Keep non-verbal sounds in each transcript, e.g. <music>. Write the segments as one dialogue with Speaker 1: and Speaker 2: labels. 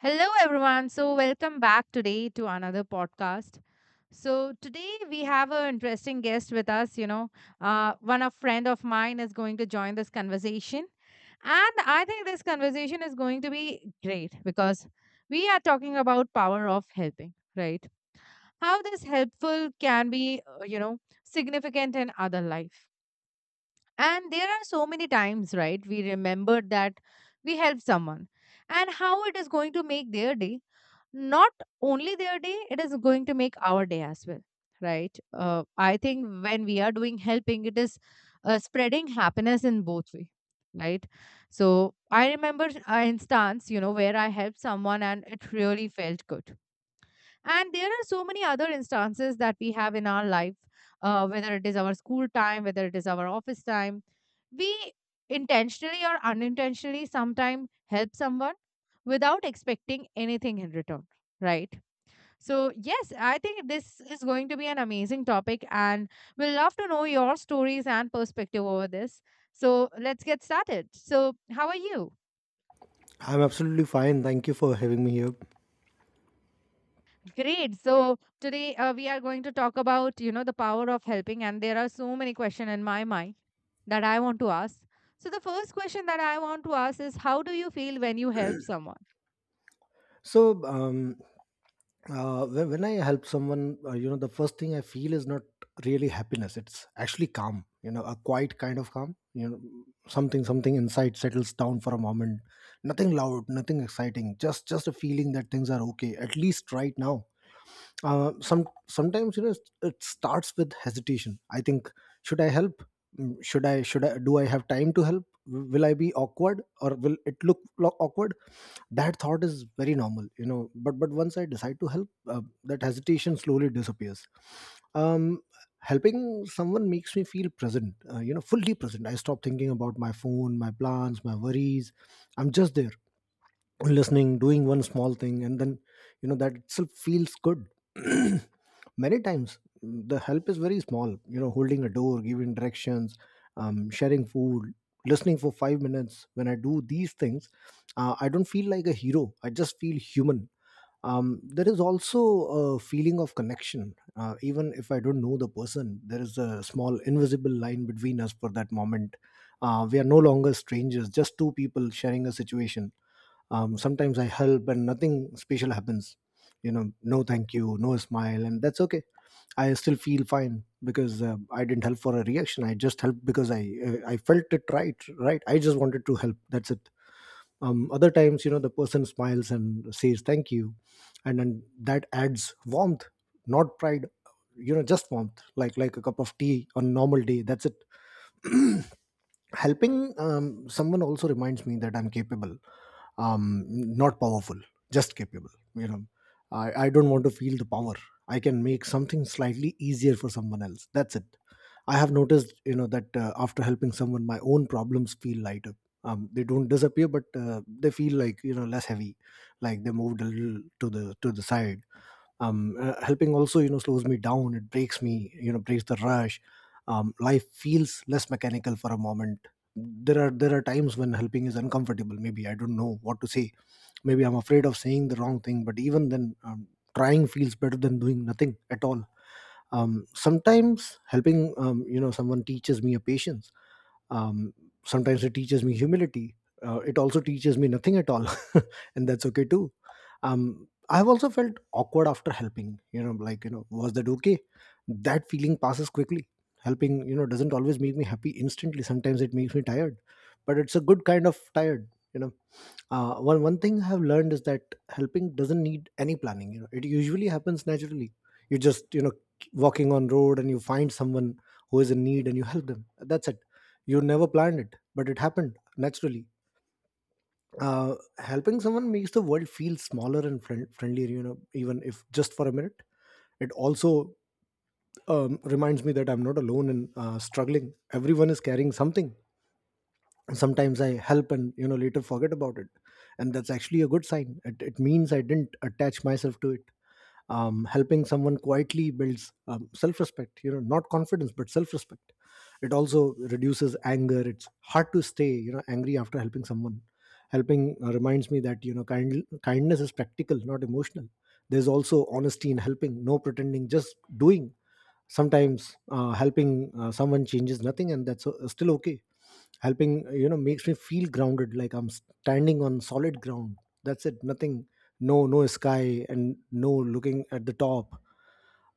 Speaker 1: Hello, everyone. So, welcome back today to another podcast. So, today we have an interesting guest with us. You know, one a friend of mine is going to join this conversation, and I think this conversation is going to be great because we are talking about power of helping, right? How this helpful can be, significant in other life. And there are so many times, right? We remember that we help someone and how it is going to make their day not only their day it is going to make our day as well, right. I think when we are doing helping it is spreading happiness in both way, right. So I remember an instance where I helped someone and it really felt good. And there are so many other instances that we have in our life, whether it is our school time, whether it is our office time. We intentionally or unintentionally sometimes help someone without expecting anything in return, right? So, yes, I think this is going to be an amazing topic, and we'll love to know your stories and perspective over this. So, let's get started. So, how are you?
Speaker 2: I'm absolutely fine. Thank you for having me here.
Speaker 1: Great. So today we are going to talk about, the power of helping. And there are so many questions in my mind that I want to ask. So the first question that I want to ask is how do you feel when you help someone?
Speaker 2: So when I help someone, you know, the first thing I feel is not really happiness. It's actually calm. You know, a quiet kind of calm. You know, something inside settles down for a moment. Nothing loud, nothing exciting. Just a feeling that things are okay, at least right now. Sometimes you know it starts with hesitation. I think should I help? Should I do I have time to help? Will I be awkward or will it awkward? That thought is very normal, you know, but once I decide to help, that hesitation slowly disappears. um Helping someone makes me feel present, you know, fully present. I stop thinking about my phone, my plans, my worries. I'm just there, listening, doing one small thing, and then, you know, that itself feels good. <clears throat> Many times the help is very small, you know, holding a door, giving directions, sharing food, listening for 5 minutes. When I do these things, I don't feel like a hero, I just feel human. There is also a feeling of connection. Even if I don't know the person, there is a small invisible line between us for that moment. We are no longer strangers, just two people sharing a situation. Sometimes I help and nothing special happens, you know, no thank you, no smile, and that's okay. I still feel fine because I didn't help for a reaction. I just helped because I felt it right. Right, I just wanted to help, that's it. Other times, you know, the person smiles and says thank you, and then that adds warmth, not pride, you know, just warmth, like a cup of tea on a normal day, that's it. <clears throat> Helping someone also reminds me that I'm capable. Not powerful, just capable, you know. I don't want to feel the power. I can make something slightly easier for someone else, that's it. I have noticed, you know, that after helping someone, my own problems feel lighter. They don't disappear, but they feel like, you know, less heavy, like they moved a little to the side. Helping also, you know, slows me down. It breaks me, you know, breaks the rush. Life feels less mechanical for a moment. There are times when helping is uncomfortable. Maybe I don't know what to say, maybe I'm afraid of saying the wrong thing, but even then, trying feels better than doing nothing at all. Sometimes helping you know someone teaches me a patience. um, Sometimes it teaches me humility. It also teaches me nothing at all. <laughs> And that's okay too. I've also felt awkward after helping, you know, like, you know, was that okay? That feeling passes quickly. Helping, you know, doesn't always make me happy instantly. Sometimes it makes me tired, but it's a good kind of tired, you know. One thing I have learned is that helping doesn't need any planning. You know, it usually happens naturally. You just, you know, walking on road and you find someone who is in need and you help them. That's it. You never planned it, but it happened naturally. Helping someone makes the world feel smaller and friendlier. You know, even if just for a minute. It also reminds me that I'm not alone in struggling. Everyone is carrying something. Sometimes I help and, you know, later forget about it, and that's actually a good sign. It means I didn't attach myself to it. Helping someone quietly builds self-respect, you know, not confidence but self-respect. It also reduces anger. It's hard to stay, you know, angry after helping someone. Helping reminds me that, you know, kindness is practical, not emotional. There's also honesty in helping, no pretending, just doing. Sometimes helping someone changes nothing, and that's still okay. Helping, you know, makes me feel grounded, like I'm standing on solid ground. That's it. Nothing. No sky and no looking at the top.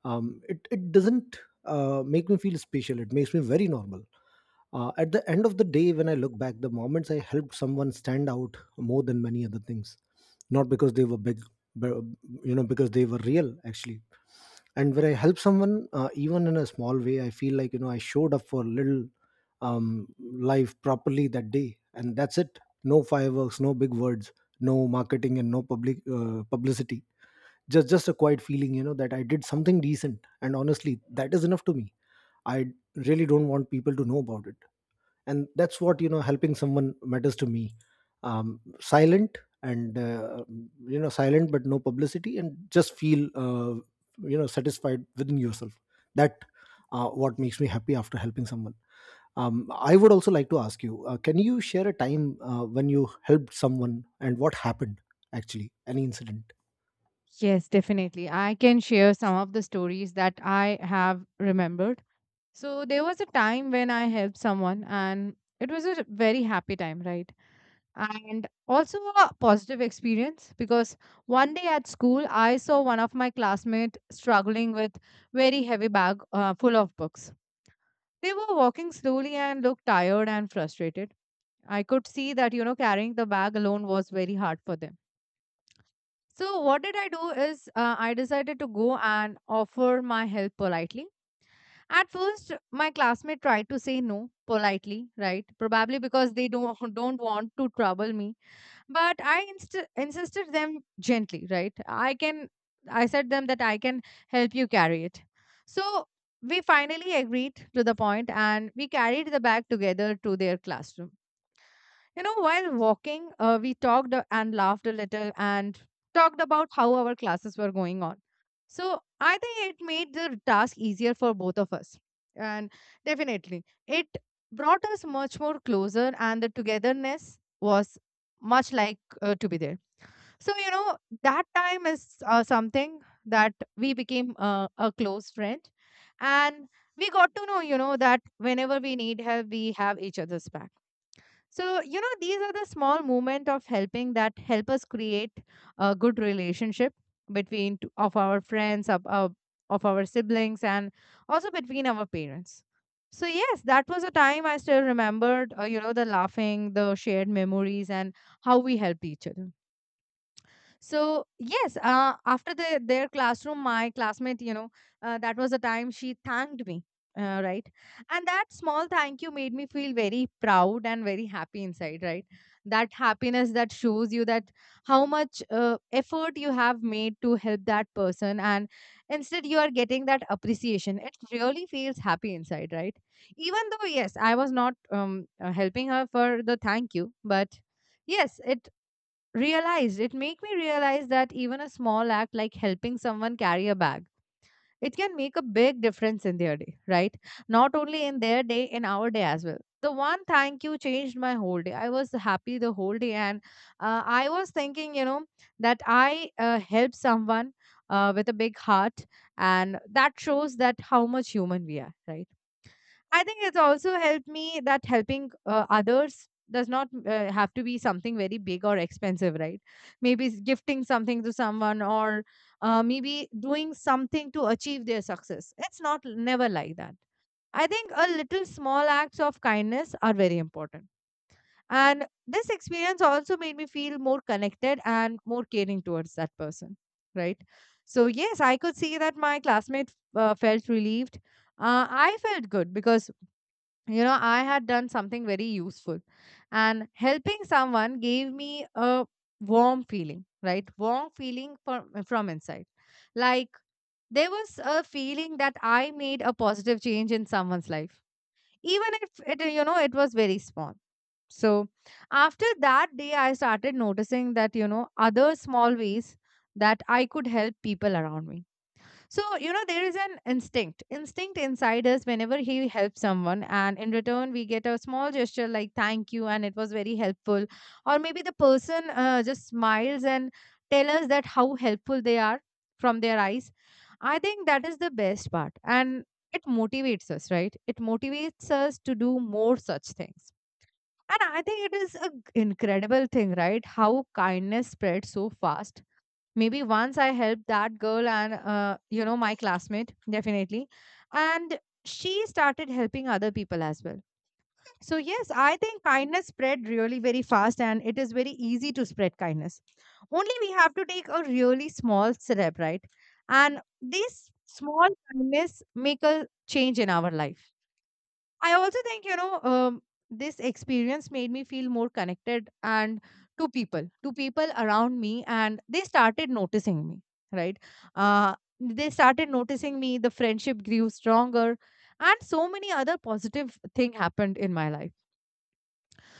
Speaker 2: It doesn't make me feel special, it makes me very normal. Uh, at the end of the day, when I look back, the moments I helped someone stand out more than many other things, not because they were big, but, you know, because they were real actually. And when I help someone, even in a small way, I feel like, you know, I showed up for little life properly that day, and that's it. No fireworks, no big words, no marketing, and no publicity. Just a quiet feeling, you know, that I did something decent, and honestly, that is enough to me. I really don't want people to know about it, and that's what, you know, helping someone matters to me. Silent and, you know, silent, but no publicity, and just feel, you know, satisfied within yourself. That what makes me happy after helping someone. I would also like to ask you, can you share a time when you helped someone and what happened? Actually any incident.
Speaker 1: Yes, definitely. I can share some of the stories that I have remembered. So there was a time when I helped someone and it was a very happy time, right? And also a positive experience because one day at school I saw one of my classmates struggling with very heavy bag, full of books. They were walking slowly and looked tired and frustrated. I could see that carrying the bag alone was very hard for them. So what did I do is, I decided to go and offer my help politely. At first my classmate tried to say no politely, right, probably because they don't <laughs> don't want to trouble me. But I insisted them gently, right. I said them that I can help you carry it. So we finally agreed to the point and we carried the bag together to their classroom. While walking, we talked and laughed a little and talked about how our classes were going on. So I think it made the task easier for both of us. And definitely it brought us much more closer and the togetherness was much like, to be there. So, that time is something that we became a close friend. And we got to know, that whenever we need help, we have each other's back. So these are the small movement of helping that help us create a good relationship between t- of our friends, of our siblings and also between our parents. So yes, that was a time I still remembered, the laughing, the shared memories and how we helped each other. So yes, after the, their classroom, my classmate, that was the time she thanked me, right? And that small thank you made me feel very proud and very happy inside, right? That happiness that shows you that how much effort you have made to help that person, and instead you are getting that appreciation. It really feels happy inside, right? Even though yes, I was not helping her for the thank you, but yes, it. Realized it make me realize that even a small act like helping someone carry a bag, it can make a big difference in their day, right, not only in their day, in our day as well. The one thank you changed my whole day. I was happy the whole day and, I was thinking, that I help someone, with a big heart, and that shows that how much human we are, right. I think it's also helped me that helping others does not have to be something very big or expensive, right? Maybe gifting something to someone or, maybe doing something to achieve their success. It's not never like that. I think a little small acts of kindness are very important. And this experience also made me feel more connected and more caring towards that person, right? So, yes, I could see that my classmate felt relieved. I felt good because I had done something very useful. And helping someone gave me a warm feeling, right, warm feeling from inside, like there was a feeling that I made a positive change in someone's life, even if it, it was very small. So after that day I started noticing that, other small ways that I could help people around me. So, there is an instinct inside us whenever he helps someone. And in return, we get a small gesture like thank you, and it was very helpful. Or maybe the person just smiles and tell us that how helpful they are from their eyes. I think that is the best part. And it motivates us, right? It motivates us to do more such things. And I think it is an incredible thing, right? How kindness spreads so fast. Maybe once I helped that girl and, my classmate, definitely. And she started helping other people as well. So, yes, I think kindness spread really very fast and it is very easy to spread kindness. Only we have to take a really small step, right? And this small kindness make a change in our life. I also think, this experience made me feel more connected and to people around me, and they started noticing me, right? They started noticing me, the friendship grew stronger, and so many other positive thing happened in my life.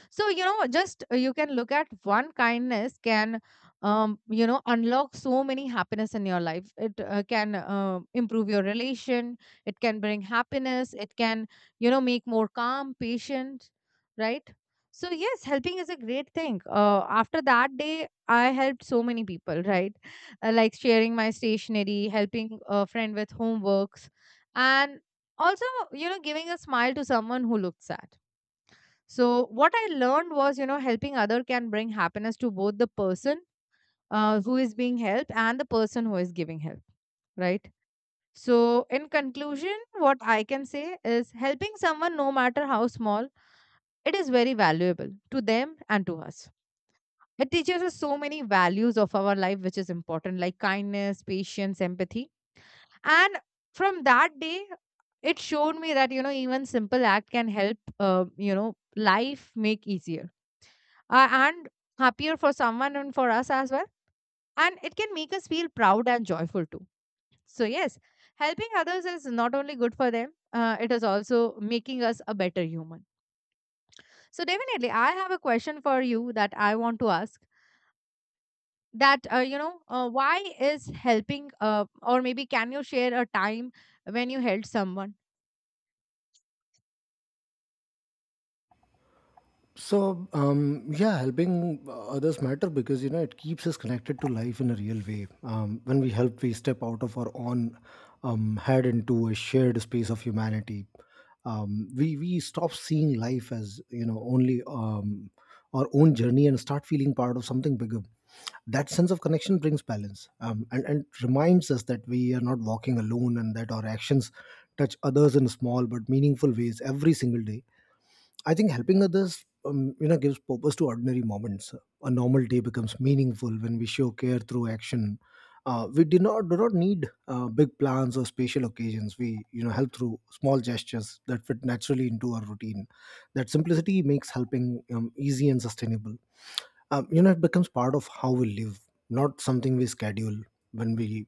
Speaker 1: So just, you can look at one kindness can, unlock so many happiness in your life. It can improve your relation, it can bring happiness, it can, make more calm patient, right. So yes, helping is a great thing. After that day I helped so many people, right, like sharing my stationery, helping a friend with homeworks, and also, giving a smile to someone who looked sad. So, what I learned was, helping other can bring happiness to both the person, who is being helped and the person who is giving help, right? So, in conclusion, what I can say is helping someone, no matter how small, it is very valuable to them and to us. It teaches us so many values of our life, which is important, like kindness, patience, empathy. And from that day, it showed me that, even simple act can help, life make easier, and happier for someone and for us as well. And it can make us feel proud and joyful too. So, yes, helping others is not only good for them, it is also making us a better human. So, definitely, I have a question for you that I want to ask that, why is helping, or maybe can you share a time when you helped someone?
Speaker 2: So yeah, helping others matter because, you know, it keeps us connected to life in a real way. When we help, we step out of our own head into a shared space of humanity. We stop seeing life as, you know, only our own journey, and start feeling part of something bigger. That sense of connection brings balance, and reminds us that we are not walking alone, and that our actions touch others in small but meaningful ways every single day. I think helping others, you know, gives purpose to ordinary moments. A normal day becomes meaningful when we show care through action. We do not need big plans or special occasions. We, you know, help through small gestures that fit naturally into our routine. That simplicity makes helping easy and sustainable. You know, it becomes part of how we live, not something we schedule. when we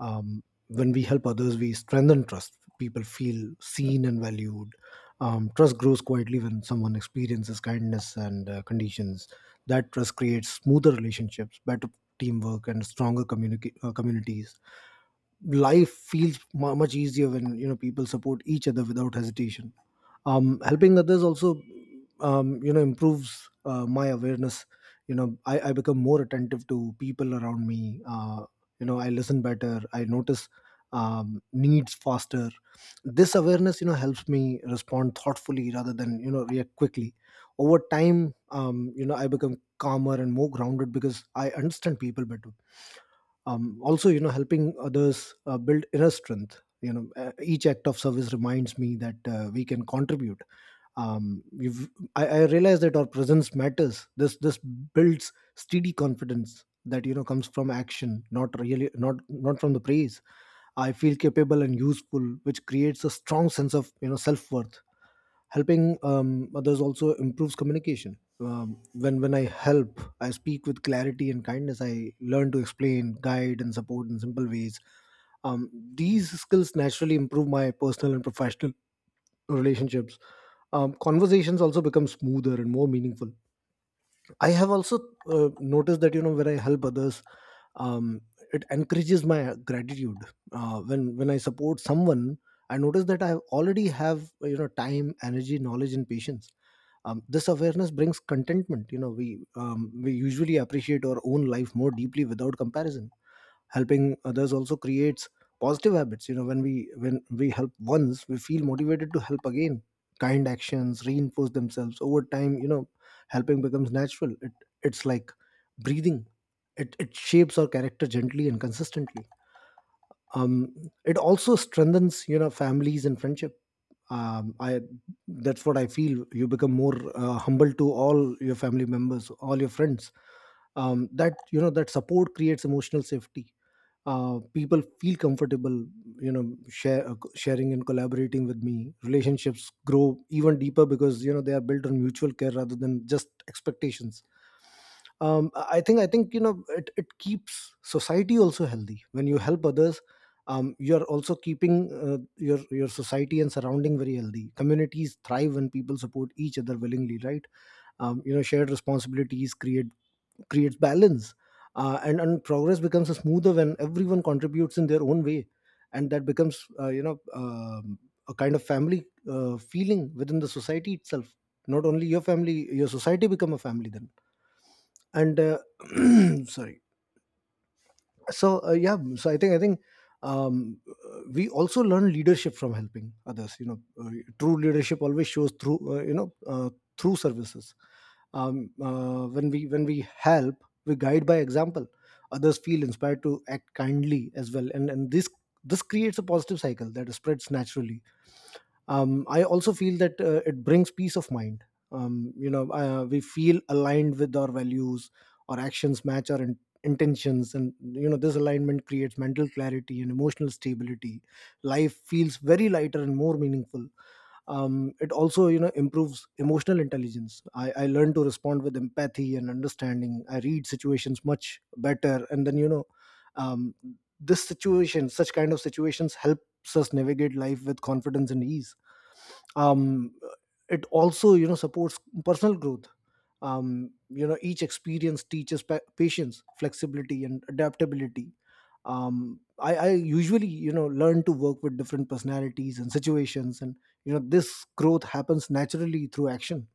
Speaker 2: um, when we help others, we strengthen trust. People feel seen and valued. Trust grows quietly when someone experiences kindness and, conditions. That trust creates smoother relationships, better teamwork, and stronger communities. Life feels mu much easier when, you know, people support each other without hesitation. Helping others also you know improves my awareness. You know, I become more attentive to people around me. You know, I listen better, I notice needs faster. This awareness, you know, helps me respond thoughtfully rather than, you know, react quickly. Over time, you know, I become calmer and more grounded because I understand people better. Also, you know, helping others build inner strength. You know, each act of service reminds me that we can contribute. Um, we've, I, I realize that our presence matters. This builds steady confidence that, you know, comes from action, not really, not from the praise. I feel capable and useful, which creates a strong sense of, you know, self-worth. Helping others also improves communication. When I help, I speak with clarity and kindness. I learn to explain, guide, and support in simple ways. These skills naturally improve my personal and professional relationships. Conversations also become smoother and more meaningful. I have also noticed that, you know, when I help others, um, it encourages my gratitude. When I support someone, I notice that I already have time, energy, knowledge, and patience. This awareness brings contentment. We usually appreciate our own life more deeply without comparison. Helping others also creates positive habits. When we help once, we feel motivated to help again. Kind actions reinforce themselves over time. Helping becomes natural. It's like breathing. It shapes our character gently and consistently. Um, it also strengthens families and friendship I That's what I feel. You become more humble to all your family members, all your friends. That you know That support creates emotional safety. People feel comfortable sharing and collaborating with me. Relationships grow even deeper because they are built on mutual care rather than just expectations. I think it keeps society also healthy when you help others. You're also keeping your society and surrounding very healthy. Communities thrive when people support each other willingly, right? Shared responsibilities create creates balance, and progress becomes smoother when everyone contributes in their own way. And that becomes a kind of family feeling within the society itself. Not only your family, your society become a family then. And <clears throat> Sorry. So yeah so I think we also learn leadership from helping others. True leadership always shows through through services. When we help, we guide by example. Others feel inspired to act kindly as well, and this creates a positive cycle that spreads naturally. I also feel that it brings peace of mind. We feel aligned with our values. Our actions match our intentions, and this alignment creates mental clarity and emotional stability. Life feels very lighter and more meaningful. It also improves emotional intelligence. I learn to respond with empathy and understanding. I read situations much better, and then you know um, this situation such kind of situations helps us navigate life with confidence and ease. um, it also supports personal growth. Each experience teaches patience, flexibility, and adaptability. I usually learn to work with different personalities and situations, and this growth happens naturally through action.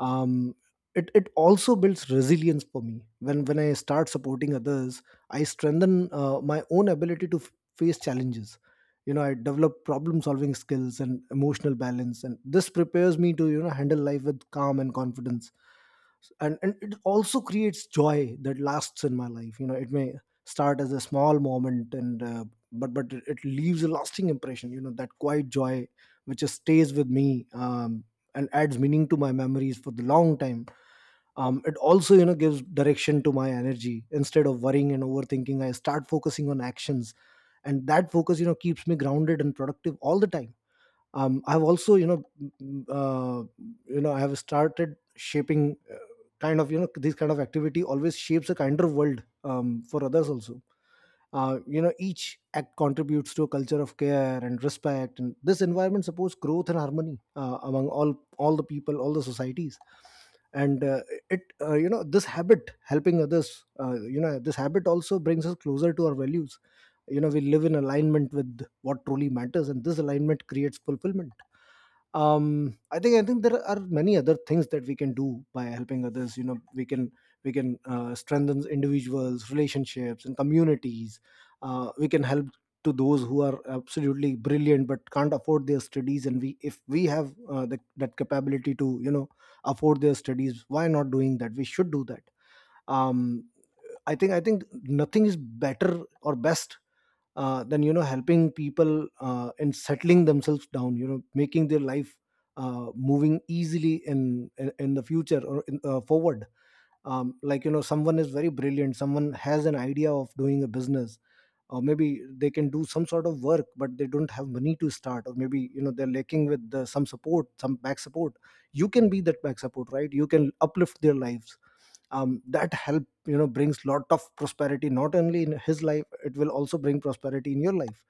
Speaker 2: Um, it, it also builds resilience for me. When I start supporting others, I strengthen my own ability to face challenges. I develop problem solving skills and emotional balance, and this prepares me to handle life with calm and confidence. And it also creates joy that lasts in my life. It may start as a small moment and but it leaves a lasting impression. That quiet joy, which just stays with me, and adds meaning to my memories for the long time. It also gives direction to my energy. Instead of worrying and overthinking, I start focusing on actions, and that focus keeps me grounded and productive all the time. Um, I've also you know m- you know I have started shaping this kind of activity always shapes a kinder world, for others also. Each act contributes to a culture of care and respect, and this environment supports growth and harmony, among all the people, all the societies. And it you know This habit, helping others, this habit also brings us closer to our values. We live in alignment with what truly matters, and this alignment creates fulfillment. I think there are many other things that we can do by helping others. We can strengthen individuals, relationships, and communities. We can help to those who are absolutely brilliant but can't afford their studies, and we if we have that capability to afford their studies, why not doing that? We should do that. um I think, I think nothing is better or best than helping people and settling themselves down. You know, making their life moving easily in the future, or forward. Like you know, someone is very brilliant. Someone has an idea of doing a business, or maybe they can do some sort of work, but they don't have money to start, or maybe you know they're lacking with some support, some back support. You can be that back support, right? You can uplift their lives. That help, you know, brings lot of prosperity. Not only in his life, it will also bring prosperity in your life.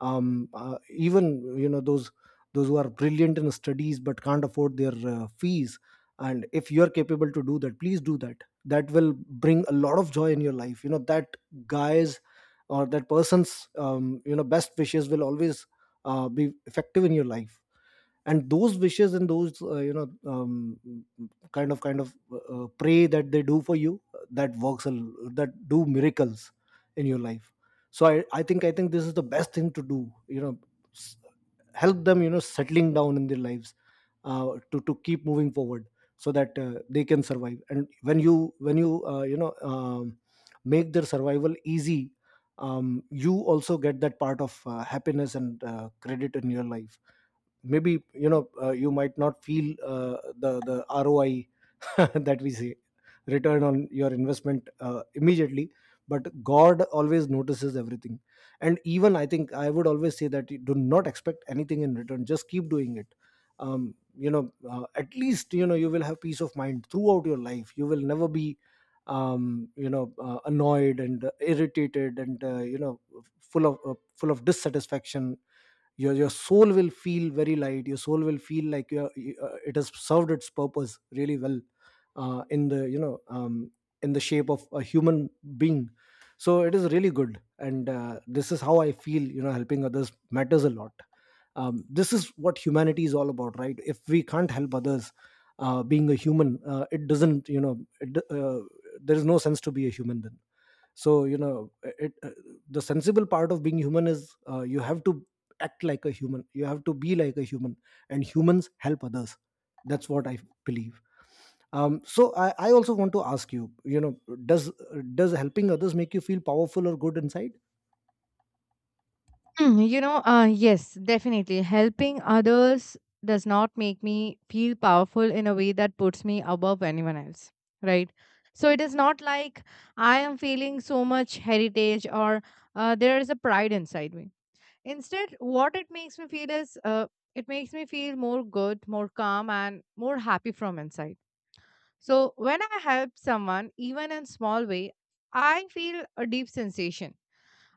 Speaker 2: Even those who are brilliant in studies but can't afford their fees, and if you're capable to do that, please do that. That will bring a lot of joy in your life. That guy's or that person's, best wishes will always be effective in your life, and those wishes, and those you know kind of pray that they do for you, that works a l- that do miracles in your life. So I think this is the best thing to do, you know s- help them, you know, settling down in their lives, to keep moving forward, so that they can survive. And when you you know make their survival easy, you also get that part of happiness and credit in your life. Maybe you might not feel the ROI <laughs> that we say, return on your investment, immediately, but god always notices everything. And even I think I would always say that you do not expect anything in return, just keep doing it. At least you will have peace of mind throughout your life. You will never be annoyed and irritated and full of dissatisfaction. Your soul will feel very light. Your soul will feel like it has served its purpose really well, in the in the shape of a human being. So it is really good, and this is how I feel. Helping others matters a lot. This is what humanity is all about, right? If we can't help others, being a human, it doesn't, there is no sense to be a human then. so you know it, uh, the sensible part of being human is, you have to act like a human, you have to be like a human, and humans help others. That's what I believe. I also want to ask you, you know does helping others make you feel powerful or good inside?
Speaker 1: Mm, yes, definitely. Helping others does not make me feel powerful in a way that puts me above anyone else, right? So it is not like I am feeling so much heritage or, there is a pride inside me. Instead, what it makes me feel is, it makes me feel more good, more calm, and more happy from inside. So when I help someone, even in small way, I feel a deep sensation,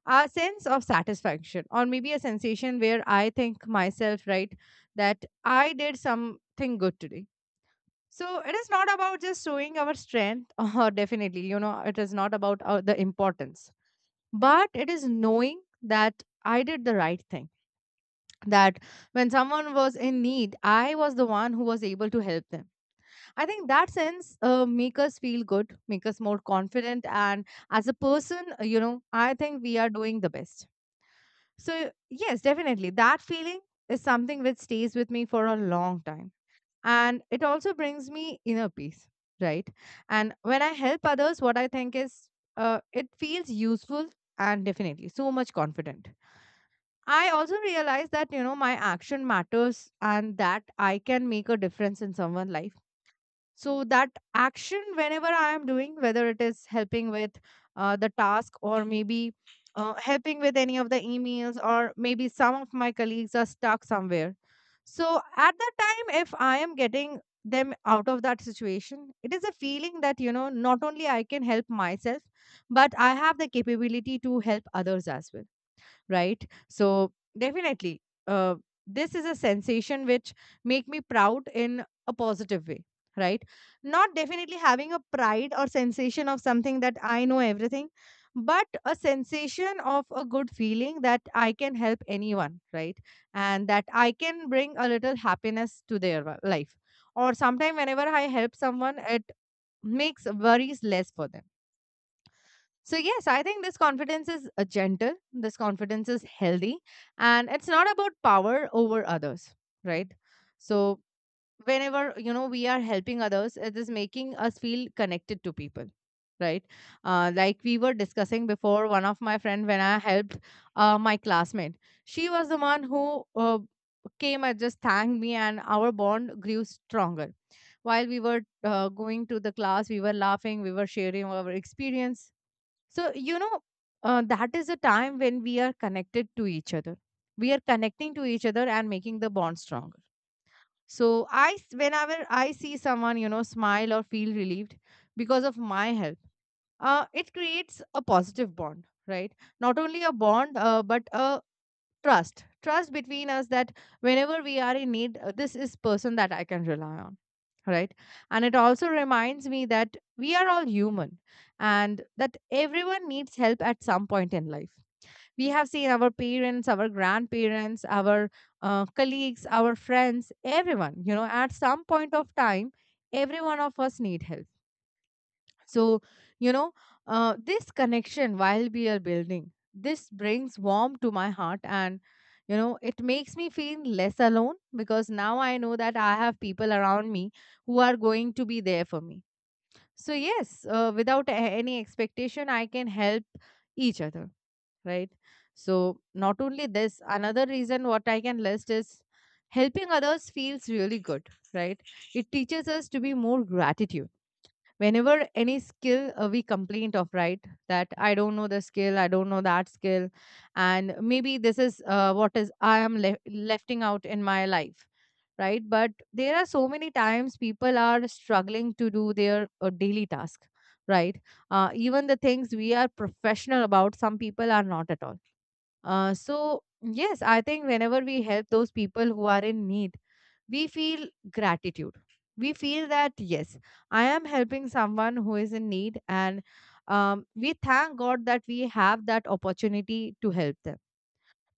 Speaker 1: a sense of satisfaction or maybe a sensation where I think myself, right, that I did something good today. So it is not about just showing our strength <laughs> or definitely it is not about the importance, but it is knowing that I did the right thing, that when someone was in need I was the one who was able to help them. I think that sense, make us feel good, make us more confident and as a person, I think we are doing the best. So, yes, definitely. That feeling is something which stays with me for a long time. And it also brings me inner peace, right? And when I help others, what I think is, it feels useful and definitely so much confident. I also realize that, you know, my action matters and that I can make a difference in someone's life. So that action, whenever I am doing, whether it is helping with the task, or maybe helping with any of the emails, or maybe some of my colleagues are stuck somewhere, so at that time if I am getting them out of that situation, it is a feeling that, you know, not only I can help myself, but I have the capability to help others as well, right? So definitely, uh, this is a sensation which make me proud in a positive way, right? Not definitely having a pride or sensation of something that I know everything, but a sensation of a good feeling that I can help anyone, right? And that I can bring a little happiness to their life, or sometime whenever I help someone, it makes worries less for them. So, yes, I think this confidence is gentle, this confidence is healthy, and it's not about power over others, right? So, whenever, you know, we are helping others, it is making us feel connected to people, right? Like we were discussing before, one of my friend, when I helped my classmate, she was the one who came and just thanked me, and our bond grew stronger. While we were going to the class, we were laughing, we were sharing our experience. So, you know, that is a time when we are connected to each other. We are connecting to each other and making the bond stronger. So, whenever I see someone, you know, smile or feel relieved because of my help, it creates a positive bond, right? Not only a bond, but a trust between us, that whenever we are in need, this is person that I can rely on, right? And it also reminds me that we are all human, and that everyone needs help at some point in life. We have seen our parents, our grandparents, our colleagues, our friends, everyone, you know, at some point of time, every one of us need help. So, you know, this connection while we are building, this brings warmth to my heart, and, you know, it makes me feel less alone because now I know that I have people around me who are going to be there for me. So, yes, without any expectation, I can help each other, right? So, not only this, another reason what I can list is helping others feels really good, right? It teaches us to be more gratitude. Whenever any skill we complaint of, right, that I don't know the skill, I don't know that skill, and maybe this is what is I am lefting out in my life, right? But there are so many times people are struggling to do their daily task, right? Even the things we are professional about, some people are not at all. So, yes, I think whenever we help those people who are in need, we feel gratitude. We feel that, yes, I am helping someone who is in need, and we thank God that we have that opportunity to help them.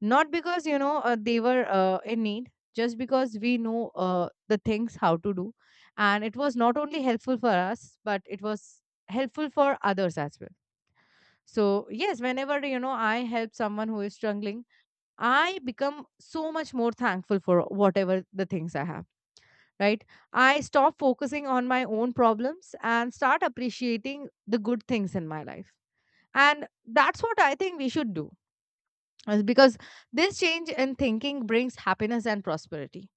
Speaker 1: Not because, you know, they were in need, just because we know the things how to do. And it was not only helpful for us, but it was helpful for others as well. So, yes, whenever, you know, I help someone who is struggling, I become so much more thankful for whatever the things I have, right? I stop focusing on my own problems and start appreciating the good things in my life. And that's what I think we should do, is because this change in thinking brings happiness and prosperity.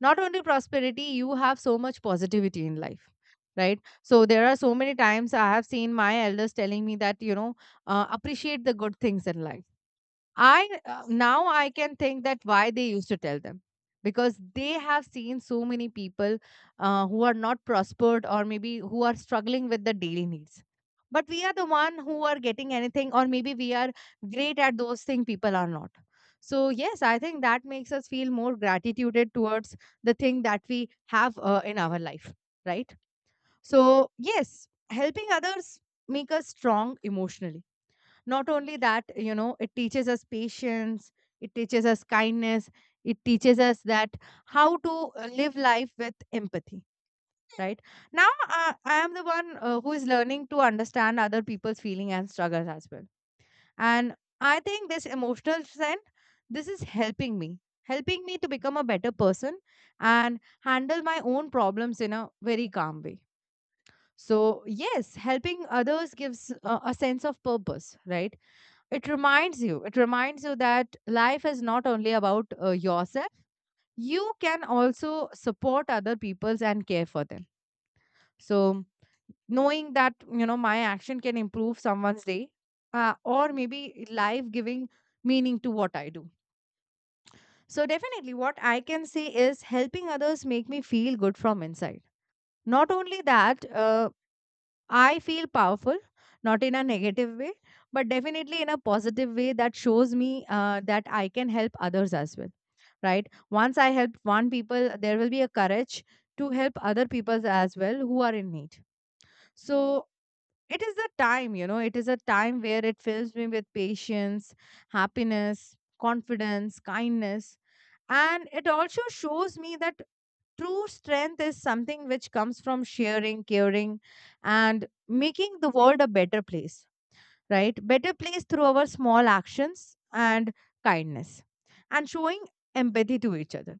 Speaker 1: Not only prosperity, you have so much positivity in life. Right. So there are so many times I have seen my elders telling me that, you know, appreciate the good things in life. I now I can think that why they used to tell them, because they have seen so many people who are not prospered, or maybe who are struggling with the daily needs. But we are the one who are getting anything, or maybe we are great at those things people are not. So yes, I think that makes us feel more gratitude towards the thing that we have in our life, right? So yes, helping others make us strong emotionally. Not only that, you know, it teaches us patience, it teaches us kindness, it teaches us that how to live life with empathy, right? Now, I am the one who is learning to understand other people's feeling and struggles as well. And I think this emotional strength, this is helping me to become a better person, and handle my own problems in a very calm way. So, yes, helping others gives a sense of purpose, right? It reminds you, it reminds you that life is not only about yourself, you can also support other people's and care for them. So knowing that, you know, my action can improve someone's day, or maybe life, giving meaning to what I do. So definitely what I can say is helping others make me feel good from inside. Not only that, I feel powerful, not in a negative way, but definitely in a positive way, that shows me that I can help others as well, right? Once I help one people, there will be a courage to help other people as well who are in need. So it is the time, you know, it is a time where it fills me with patience, happiness, confidence, kindness. And it also shows me that true strength is something which comes from sharing, caring, and making the world a better place, right? Better place through our small actions and kindness and showing empathy to each other.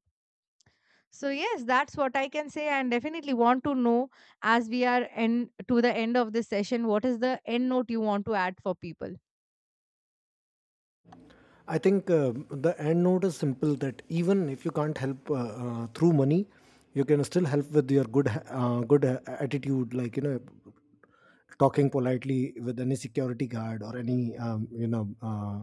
Speaker 1: So, yes, that's what I can say, and definitely want to know, as we are end, to the end of this session, what is the end note you want to add for people?
Speaker 2: I think the end note is simple, that even if you can't help through money, you can still help with your good good attitude. Like you know, talking politely with any security guard, or any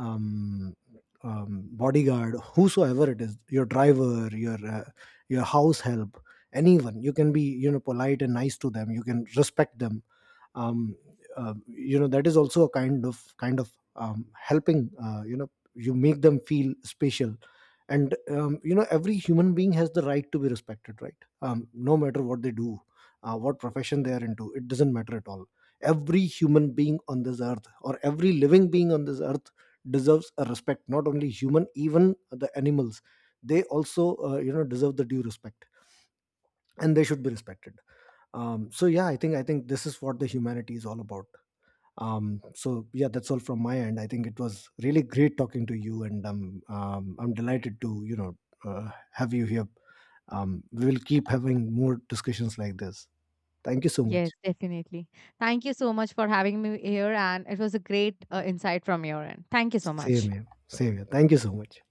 Speaker 2: um, bodyguard, whosoever it is, your driver, your house help, anyone. You can be, you know, polite and nice to them. You can respect them. Um, that is also a kind of helping, you make them feel special. And every human being has the right to be respected, right? No matter what they do, what profession they are into, it doesn't matter at all. Every human being on this earth, or every living being on this earth, deserves a respect. Not only human, even the animals, they also deserve the due respect, and they should be respected. So yeah, I think this is what the humanity is all about. So yeah, that's all from my end. I think it was really great talking to you, and I'm delighted to have you here. We will keep having more discussions like this. Thank you so much.
Speaker 1: Yes, definitely. Thank you so much for having me here, and it was a great insight from your end. Thank you so
Speaker 2: Same
Speaker 1: much.
Speaker 2: here, same here, thank you so much.